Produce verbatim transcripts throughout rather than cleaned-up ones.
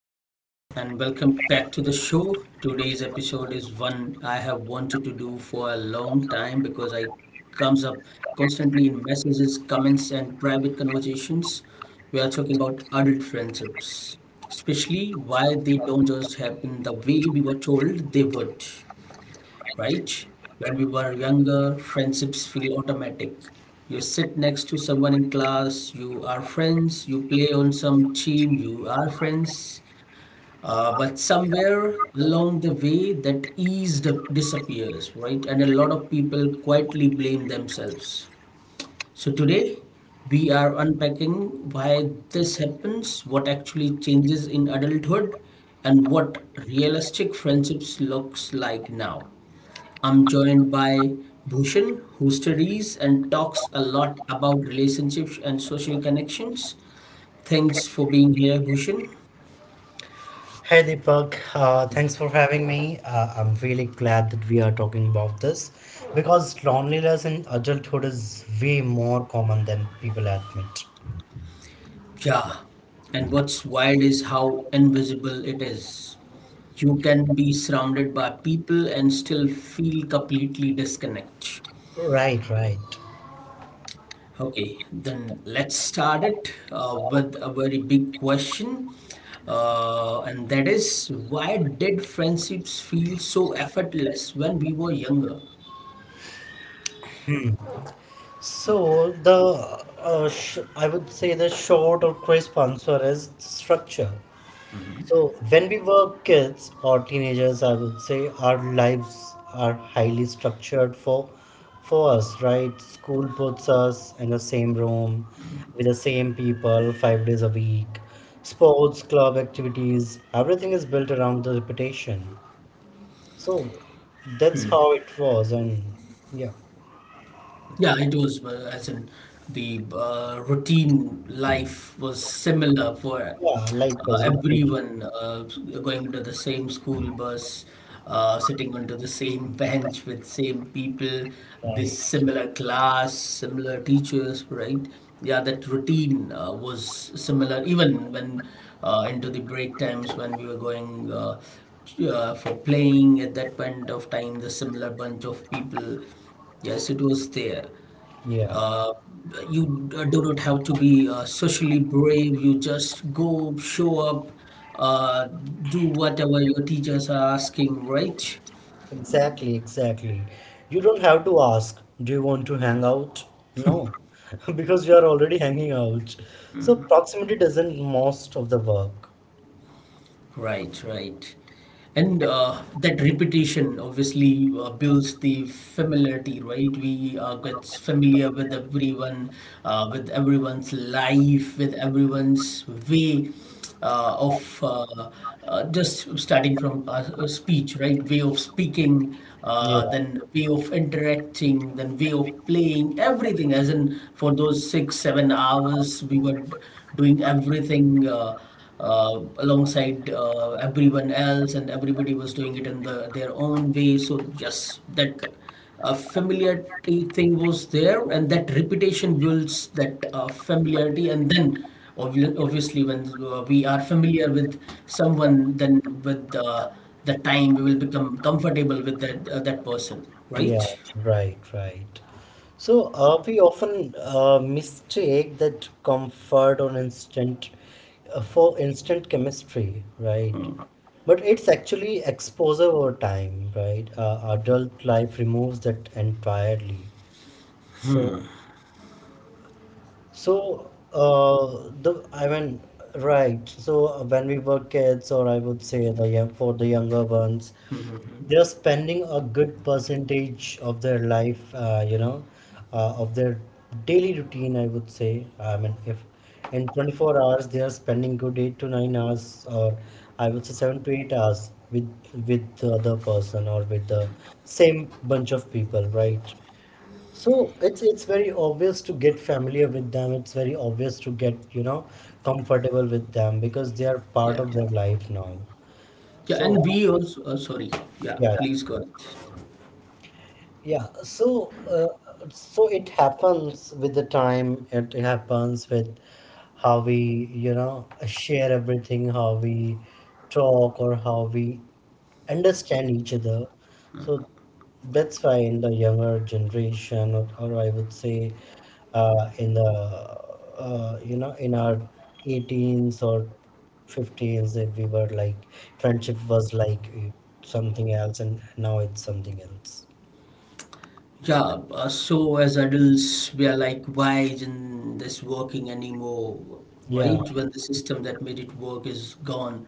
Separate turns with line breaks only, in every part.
Today's episode is one I have wanted to do for a long time because I comes up constantly in messages, comments, and private conversations. We are talking about adult friendships, especially why they don't just happen the way we were told they would, right? When we were younger, friendships feel automatic. You sit next to someone in class, you are friends, you play on some team, you are friends. Uh, but somewhere along the way, that ease d- disappears, right? And a lot of people quietly blame themselves. So today, we are unpacking why this happens, what actually changes in adulthood, and what realistic friendships looks like now. I'm joined by Bhushan, who studies and talks a lot about relationships and social connections. Thanks for being here, Bhushan.
Hey Deepak, uh, thanks for having me. Uh, I'm really glad that we are talking about this because loneliness in adulthood is way more common than people admit.
Yeah, and what's wild is how invisible it is. You can be surrounded by people and still feel completely disconnected.
Right, right.
Okay, then let's start it uh, with a very big question, uh, and that is why did friendships feel so effortless when we were younger?
So the uh, sh- I would say the short or crisp answer is structure. So when we were kids or teenagers, I would say our lives are highly structured for for us, right? School puts us in the same room with the same people five days a week. Sports, club activities, everything is built around the reputation. So that's how it was, and yeah,
Yeah, it was, uh, as in the uh, routine life was similar for
yeah, life
uh,
was repetition,
everyone uh, going to the same school bus, uh, sitting onto the same bench with same people, this
right?
similar class, similar teachers, right? Yeah, that routine uh, was similar even when uh, into the break times when we were going uh, uh, for playing. At that point of time, the similar bunch of people. Yes, it was there.
Yeah.
Uh, you d- do not have to be uh, socially brave. You just go, show up, uh, do whatever your teachers are asking, right?
Exactly, exactly. You don't have to ask, do you want to hang out? No, because you are already hanging out. So proximity doesn't most of the work.
Right, right. And uh, that repetition obviously uh, builds the familiarity, right? We uh, get familiar with everyone, uh, with everyone's life, with everyone's way uh, of uh, uh, just starting from uh, a speech, right? Way of speaking,
Yeah,
uh, then way of interacting, then way of playing, everything. As in, for those six, seven hours, we were doing everything. Uh, uh, alongside uh, everyone else, and everybody was doing it in the their own way. So yes, that uh, familiarity thing was there, and that reputation builds that uh, familiarity, and then. obvi- Obviously, when uh, we are familiar with someone, then with uh, the time we will become comfortable with that uh, that person, right?
yeah, right, right. So uh, we often uh, mistake that comfort on instant uh, for instant chemistry, right? But it's actually exposure over time, right? Uh, adult life removes that entirely. So. So, uh, the I mean, right. So uh, when we were kids, or I would say the young, for the younger ones, they're spending a good percentage of their life, uh, you know, uh, of their daily routine. I would say. I mean, if in twenty-four hours they are spending good eight to nine hours, or I would say seven to eight hours with with the other person or with the same bunch of people, right? So it's it's very obvious to get familiar with them. It's very obvious to get, you know, comfortable with them because they are part
Yeah,
of their life now.
yeah,
So
and we also. Uh, sorry, yeah,
yeah.
please go ahead.
Yeah, so uh, so it happens with the time. It happens with how we, you know, share everything, how we talk, or how we understand each other. So that's why in the younger generation, or, or I would say, uh, in the uh, you know, in our eighteens or fifteens, if we were like friendship was like uh, something else, and now it's something else.
Yeah, uh, so as adults, we are like, why isn't this working anymore,
Yeah.
right? When the system that made it work is gone,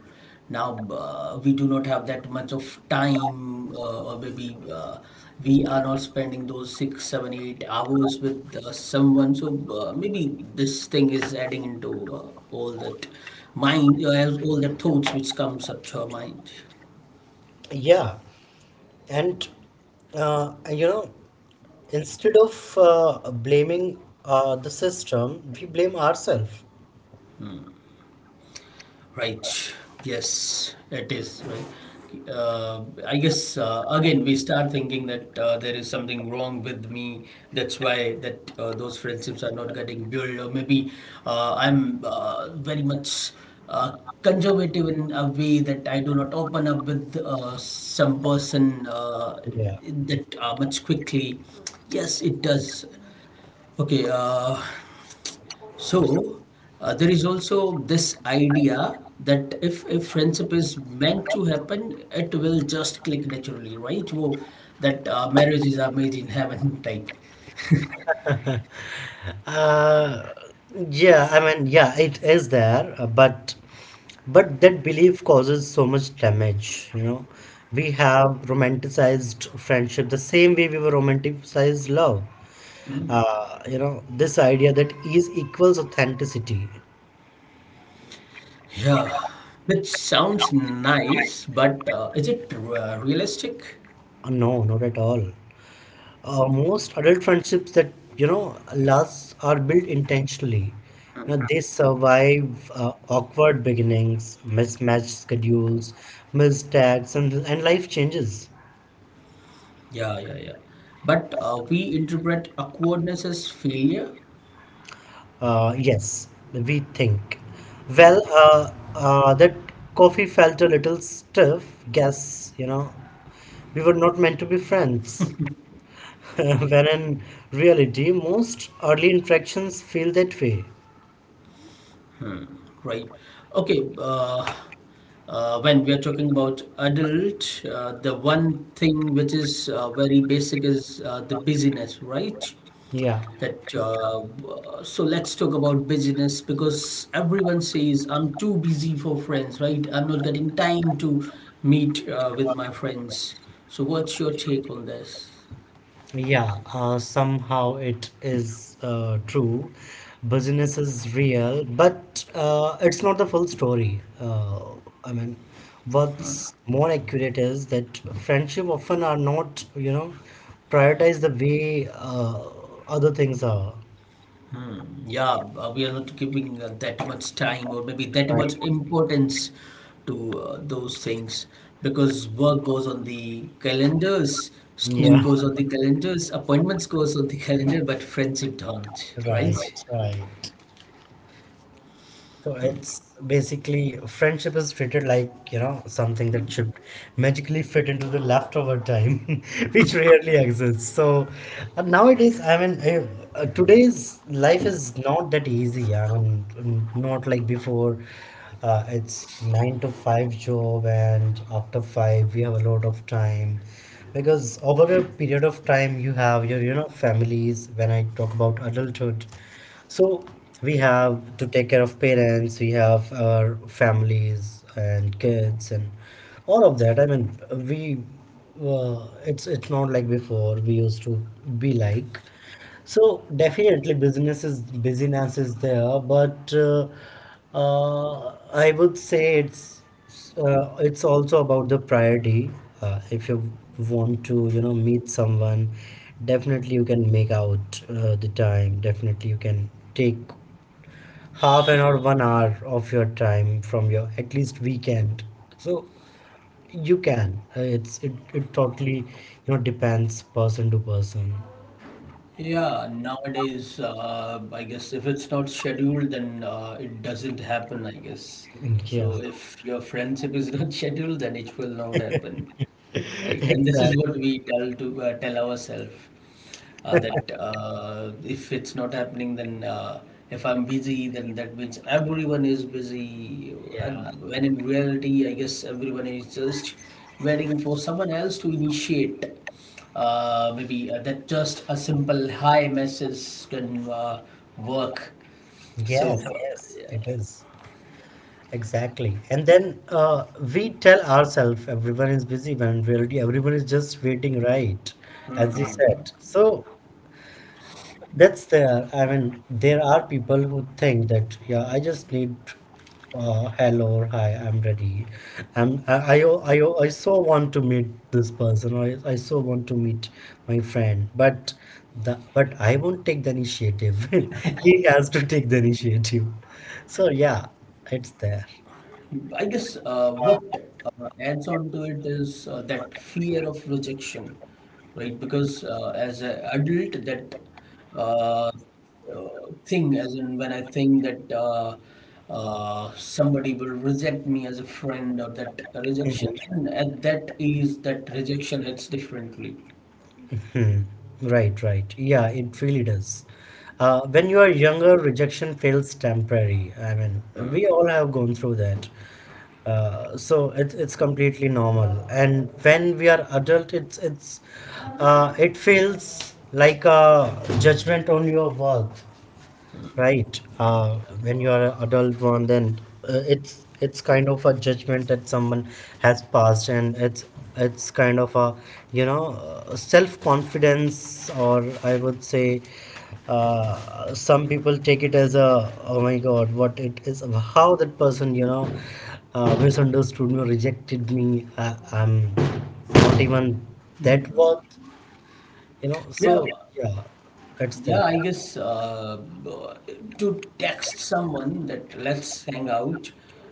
now uh, we do not have that much of time, uh, or maybe uh, we are not spending those six, seven, eight hours with uh, someone. So uh, maybe this thing is adding into uh, all that mind, uh, all the thoughts which comes up to our mind.
Yeah, and uh, you know, instead of uh, blaming uh, the system, we blame ourselves.
Right. Yes, it is. Right. Uh, I guess uh, again we start thinking that uh, there is something wrong with me. That's why that uh, those friendships are not getting built, or maybe uh, I'm uh, very much uh, conservative in a way that I do not open up with uh, some person uh,
Yeah.
that uh, much quickly. Yes, it does. Okay. Uh, so uh, there is also this idea that if a friendship is meant to happen, it will just click naturally, right? Whoa, that uh, marriage is a made in heaven type.
Uh, yeah, I mean, yeah, it is there, uh, but but that belief causes so much damage, you know. We have romanticized friendship the same way we were romanticized love. Uh, you know, this idea that ease equals authenticity.
Yeah, which sounds nice, but uh, is it uh, realistic?
Uh, no, not at all. Uh, most adult friendships that you know last are built intentionally. You know, they survive uh, awkward beginnings, mismatched schedules, mistakes, and and life changes.
Yeah, yeah, yeah. But uh, we interpret awkwardness as failure.
Uh, yes, we think.
Hmm.
Well, uh, uh, that coffee felt a little stiff. Guess you know we were not meant to be friends. When in reality, most early interactions feel that way.
Right. Okay. Uh, uh, when we are talking about adult, uh, the one thing which is uh, very basic is uh, the busyness, right?
Yeah.
That uh, w- so let's talk about business because everyone says I'm too busy for friends, right? I'm not getting time to meet uh, with my friends. So what's your take on this?
Yeah, uh, somehow it is uh, true. Business is real, but uh, it's not the full story. Uh, I mean, what's more accurate is that friendship often are not, you know, prioritized the way uh, other things are.
Yeah, uh, we are not giving uh, that much time or maybe that
Right.
much importance to uh, those things because work goes on the calendars, school
Yeah,
goes on the calendars, appointments goes on the calendar, but friendship don't,
right,
right?
right. So it's basically friendship is treated like, you know, something that should magically fit into the leftover time, which rarely exists. So uh, nowadays, I mean, eh, uh, today's life is not that easy. I mean, mm, not like before. Uh, it's nine to five job, and after five, we have a lot of time because over a period of time, you have your, you know, families. When I talk about adulthood. So we have to take care of parents, we have our families and kids and all of that. I mean, we uh, it's it's not like before we used to be like. So definitely business is busyness is there, but uh, uh, I would say it's uh, it's also about the priority. Uh, if you want to, you know, meet someone, definitely you can make out uh, the time. Definitely you can take half an hour, one hour of your time from your at least weekend. So you can. Uh, it's it, it totally, you know, depends person to person.
Yeah, nowadays, uh, I guess if it's not scheduled, then uh, it doesn't happen, I guess.
Yeah,
So if your friendship is not scheduled, then it will not happen, right? And this is
exactly.
what we tell to uh, tell ourselves uh, that uh, if it's not happening, then uh, if I'm busy, then that means everyone is busy.
Yeah.
And when in reality, I guess everyone is just waiting for someone else to initiate. Uh, maybe uh, that just a simple hi message can uh, work.
Yes,
So
yes,
uh,
it is. Exactly. And then uh, we tell ourselves everyone is busy when in reality everyone is just waiting, right? As you said. So that's there. I mean, there are people who think that, yeah, I just need uh, hello or hi, I'm ready. I'm, I, I, I, I so want to meet this person, or I, I so want to meet my friend. But the, but I won't take the initiative. He has to take the initiative. So yeah, it's there.
I guess uh, what uh, adds on to it is uh, that fear of rejection, right? Because uh, as an adult, that uh, uh, thing, as in when I think that uh, uh, somebody will reject me as a friend or that rejection, and at that age, that rejection hits differently.
Hmm. Right, right. Yeah, it really does. Uh, when you are younger, rejection feels temporary. I mean, we all have gone through that. Uh, so it's it's completely normal. And when we are adult, it's it's uh, it feels like a judgment on your worth. Right. Uh, when you are an adult one, then uh, it's it's kind of a judgment that someone has passed, and it's it's kind of a you know self confidence, or I would say, uh, some people take it as a oh my god, what it is, how that person you know uh, misunderstood me, rejected me. I, I'm not even that worth, you know.
Yeah.
So yeah, that's
Yeah,
there.
I guess uh, to text someone that let's hang out,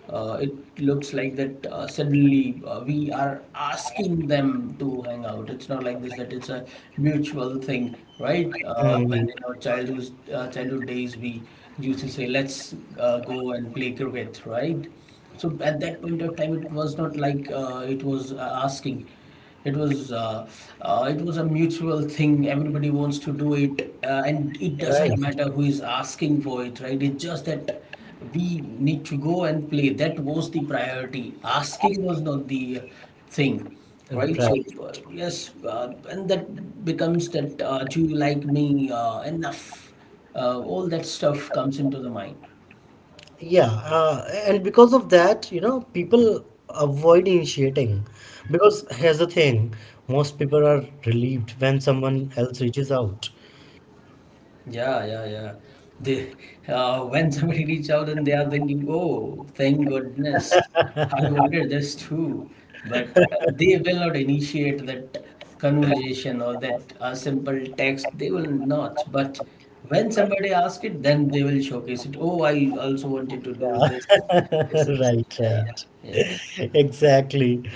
uh, it looks like that uh, suddenly uh, we are asking them to hang out. It's not like this that it's a mutual thing, right? Uh, when
Mhm.
in our childhood uh, childhood days, we used to say let's uh, go and play cricket, right? So at that point of time, it was not like uh, it was uh, asking. It was uh, uh, it was a mutual thing. Everybody wants to do it, uh, and it doesn't
Right.
matter who is asking for it, right? It's just that we need to go and play. That was the priority. Asking was not the thing, right?
Right.
So uh, yes, uh, and that becomes that. Uh, do you like me uh, enough? Uh, all that stuff comes into the mind.
Yeah. Uh, and because of that, you know, people avoid initiating because here's the thing, most people are relieved when someone else reaches out.
Yeah, yeah, yeah. They, uh, when somebody reach out and they are thinking, "Oh, thank goodness, I wanted this too," but uh, they will not initiate that conversation or that uh, simple text. They will not. But when somebody asks it, then they will showcase it. Oh, I also wanted to do
Yeah.
this, this and that.
Right,
Yeah.
right.
Yes.
Exactly.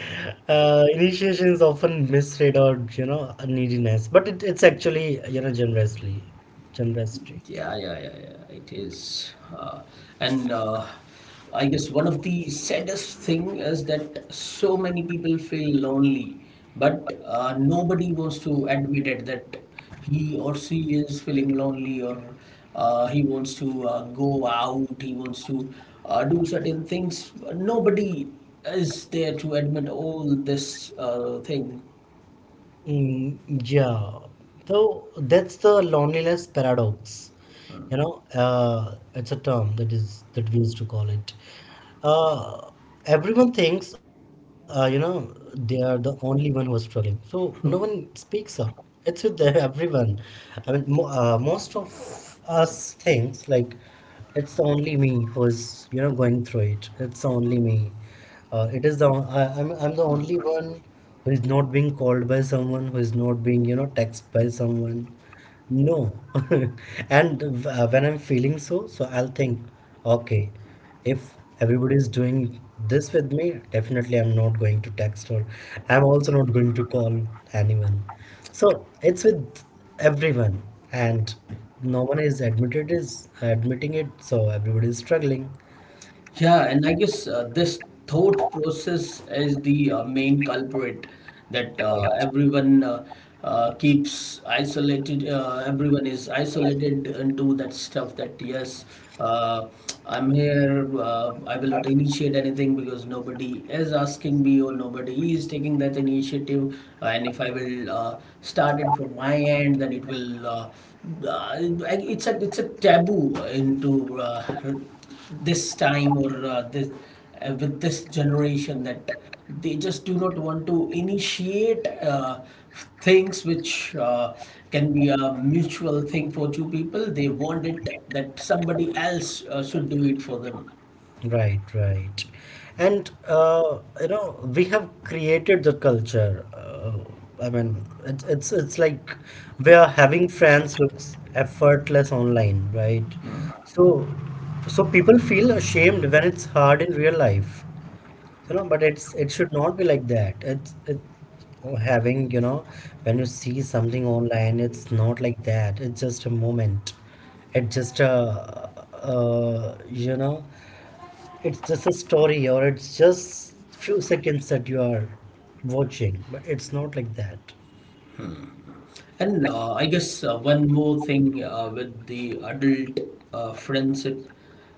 Uh, initiation is often misread or, you know, a neediness, but it, it's actually, you know, generously, generosity.
Yeah, yeah, yeah, yeah. It is, uh, and uh, I guess one of the saddest thing is that so many people feel lonely, but uh, nobody wants to admit it that he or she is feeling lonely, or uh, he wants to uh, go out, he wants to uh, do certain things. Nobody is there to admit all this uh, thing.
Mm, Yeah, so that's the loneliness paradox. You know, uh, it's a term that is that we used to call it. Uh, Everyone thinks, uh, you know, they are the only one who are struggling, so no one speaks up. It's with the, everyone. I mean, mo uh, most of us thinks like. It's only me who's, you know, going through it. It's only me. Uh, it is the I, I'm I'm the only one who is not being called by someone, who is not being, you know, texted by someone. No. And uh, when I'm feeling so, so I'll think, okay, if everybody is doing this with me, definitely I'm not going to text, or I'm also not going to call anyone. So it's with everyone, and no one is admitted is admitting it. So everybody is struggling.
Yeah, and I guess uh, this thought process is the uh, main culprit that uh, everyone uh, uh, keeps isolated. Uh, everyone is isolated into that stuff that, yes, uh, I'm here, uh, I will not initiate anything because nobody is asking me or nobody is taking that initiative. And if I will uh, start it from my end, then it will. Uh, uh, it's a it's a taboo into uh, this time or uh, this uh, with this generation that they just do not want to initiate uh, things which uh, can be a mutual thing for two people. They want it that somebody else uh, should do it for them.
Right, right. And uh, you know, we have created the culture. Uh, I mean, it's it's it's like we are having friends looks effortless online, right? So so people feel ashamed when it's hard in real life. You know, but it's it should not be like that. It's it Having, you know when you see something online, it's not like that. It's just a moment. It's just a uh, you know, it's just a story, or it's just few seconds that you are watching, but it's not like that.
And uh, I guess uh, one more thing uh, with the adult uh, friendship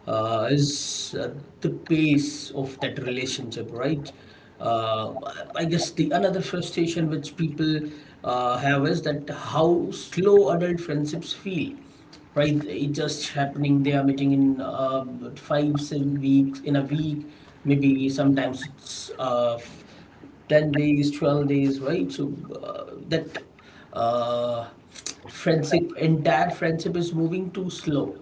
uh, is uh, the pace of that relationship, right? Uh, I guess the another frustration which people uh, have is that how slow adult friendships feel, right? It's just happening. They are meeting in uh, five seven weeks in a week, maybe. Sometimes it's uh, ten days, twelve days, right? So uh, that uh, friendship entire friendship is moving too slow.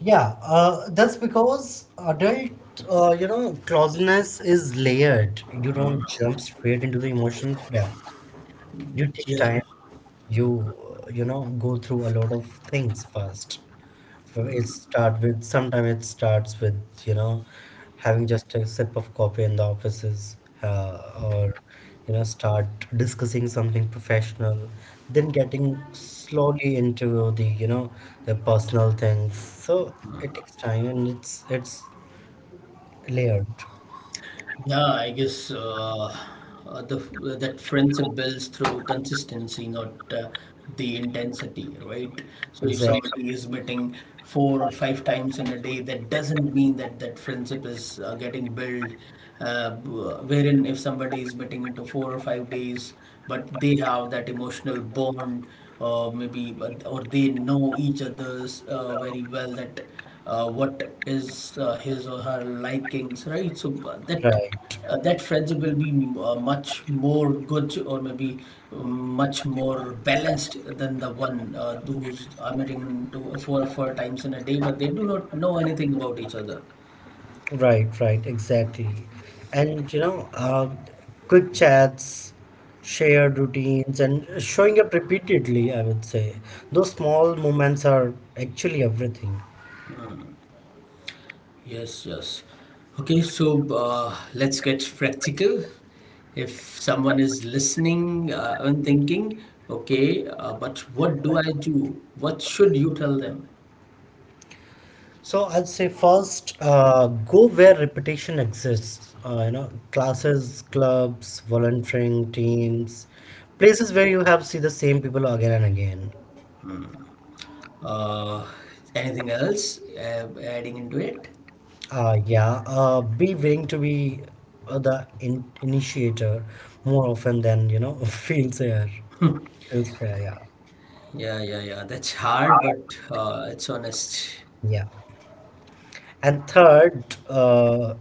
Yeah, uh, that's because adult, uh, you know, closeness is layered. You don't jump straight into the emotional depth. You take
Yeah.
time. You uh, you know go through a lot of things first. So it start with Sometimes it starts with, you know, having just a sip of coffee in the offices, uh, or, you know, start discussing something professional, then getting slowly into the you know the personal things. So it takes time, and it's it's layered.
Yeah, I guess uh, uh, the that friendship builds through consistency, not uh, the intensity, right? So if
Exactly,
somebody is meeting four or five times in a day, that doesn't mean that that friendship is uh, getting built. Uh, b- wherein if somebody is meeting into four or five days, but they have that emotional bond, uh, maybe, but, or they know each other's uh, very well that uh, what is uh, his or her likings, right? So uh, that
right.
uh, that friendship will be uh, much more good or maybe um, much more balanced than the one uh, who's are meeting two, four four times in a day, but they do not know anything about each other.
Right, right, exactly. And you know, uh, quick chats, shared routines, and showing up repeatedly, I would say. Those small moments are actually everything.
Yes, yes. Okay, so uh, let's get practical. If someone is listening uh, and thinking, okay, uh, but what do I do? What should you tell them?
So I'd say first, uh, go where repetition exists. Uh, you know, classes, clubs, volunteering teams, places where you have see the same people again and again.
Uh, Anything else uh, adding into it?
Uh, yeah, uh, be willing to be uh, the in initiator more often than, you know, feels fair. Feels fair, yeah.
Yeah, yeah, yeah. That's hard, but uh, it's honest.
Yeah. And third, uh,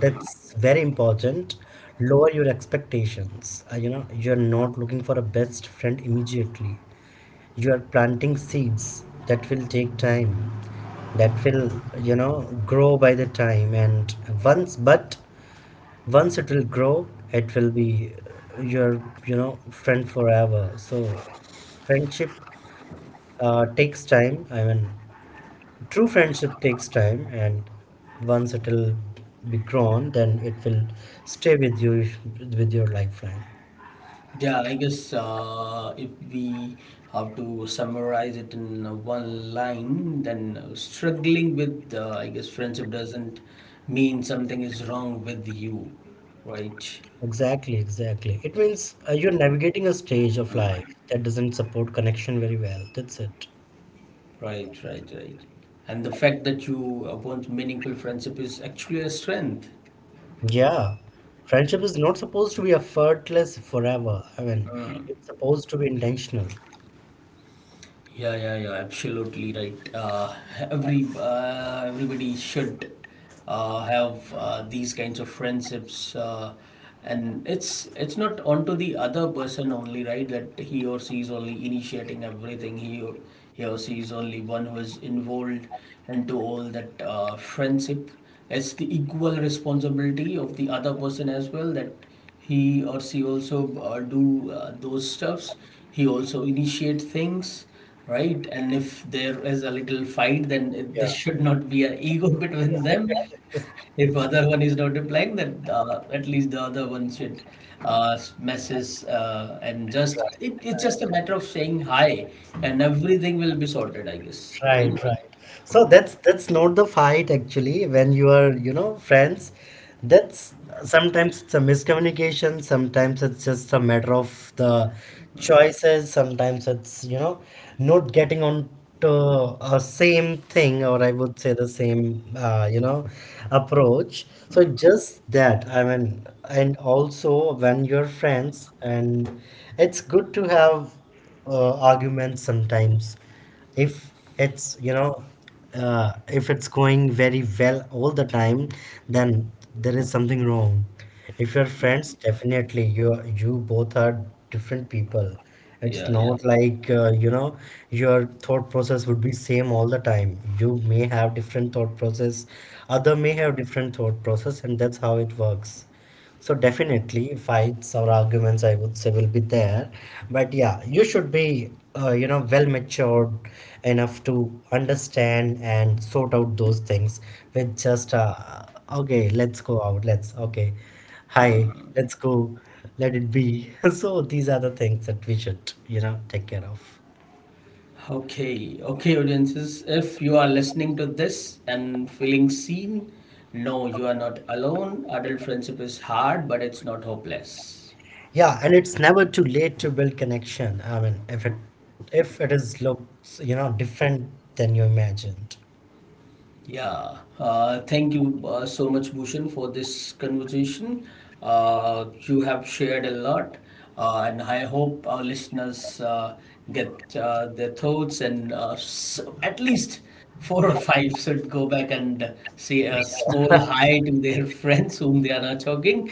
that's very important, lower your expectations. Uh, you know, you're not looking for a best friend immediately. You are planting seeds that will take time, that will, you know, grow by the time. And once, but once it will grow, it will be your, you know friend forever. So friendship uh, takes time. I mean, true friendship takes time, and once it will be grown, then it will stay with you, with your lifeline.
Yeah, I guess uh, if we have to summarize it in uh, one line, then uh, struggling with, uh, I guess, friendship doesn't mean something is wrong with you, right?
Exactly, exactly. It means uh, you're navigating a stage of life that doesn't support connection very well. That's it.
Right, right, right. And the fact that you uh, want meaningful friendship is actually a strength.
Yeah, friendship is not supposed to be effortless forever. I mean, it's supposed to be intentional.
Yeah, yeah, yeah, absolutely right. Uh, every uh, everybody should uh, have uh, these kinds of friendships, uh, and it's it's not onto the other person only, right? That he or she is only initiating everything. He or- he or she is only one who is involved into all that uh, friendship. It's the equal responsibility of the other person as well that he or she also uh, do uh, those stuffs. He also initiate things, right? And if there is a little fight, then it,
Yeah,
this should not be an ego between them. If other one is not replying, then uh, at least the other one should uh, messes uh, and just
right.
it, it's just a matter of saying hi, and everything will be sorted, I guess, right?
Right, right. So that's that's not the fight actually when you are, you know, friends. That's Sometimes it's a miscommunication, sometimes it's just a matter of the choices, sometimes it's, you know, not getting on to a same thing, or I would say the same, uh, you know, approach. So just that, I mean, and also when you're friends, and it's good to have uh, arguments sometimes. if it's you know uh, if it's going very well all the time, then there is something wrong. If you're friends, definitely you you both are different people. It's
Yeah, yeah, yeah.
not like, uh, you know your thought process would be same all the time. You may have different thought process, other may have different thought process, and that's how it works. So definitely fights or arguments, I would say, will be there. But
Yeah.
yeah, you should be, uh, you know, well matured enough to understand and sort out those things with just, uh, okay, let's go out. Let's, okay, hi, let's go. Let it be. So these are the things that we should, you know, take care of.
Okay, okay, audiences. If you are listening to this and feeling seen, no, you are not alone. Adult friendship is hard, but it's not hopeless.
Yeah, and it's never too late to build connection. I mean, if it if it is looks, you know, different than you imagined.
Yeah, uh, thank you uh, so much, Bhushan, for this conversation. Uh, you have shared a lot, uh, and I hope our listeners uh, get uh, their thoughts and uh, s- at least four or five should go back and say a small hi to their friends whom they are not talking.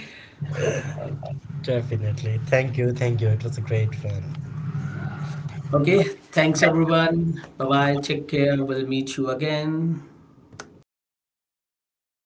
Definitely. Thank you. Thank you. It was a great fun.
Okay, thanks everyone. Bye bye. Take care. We'll meet you again.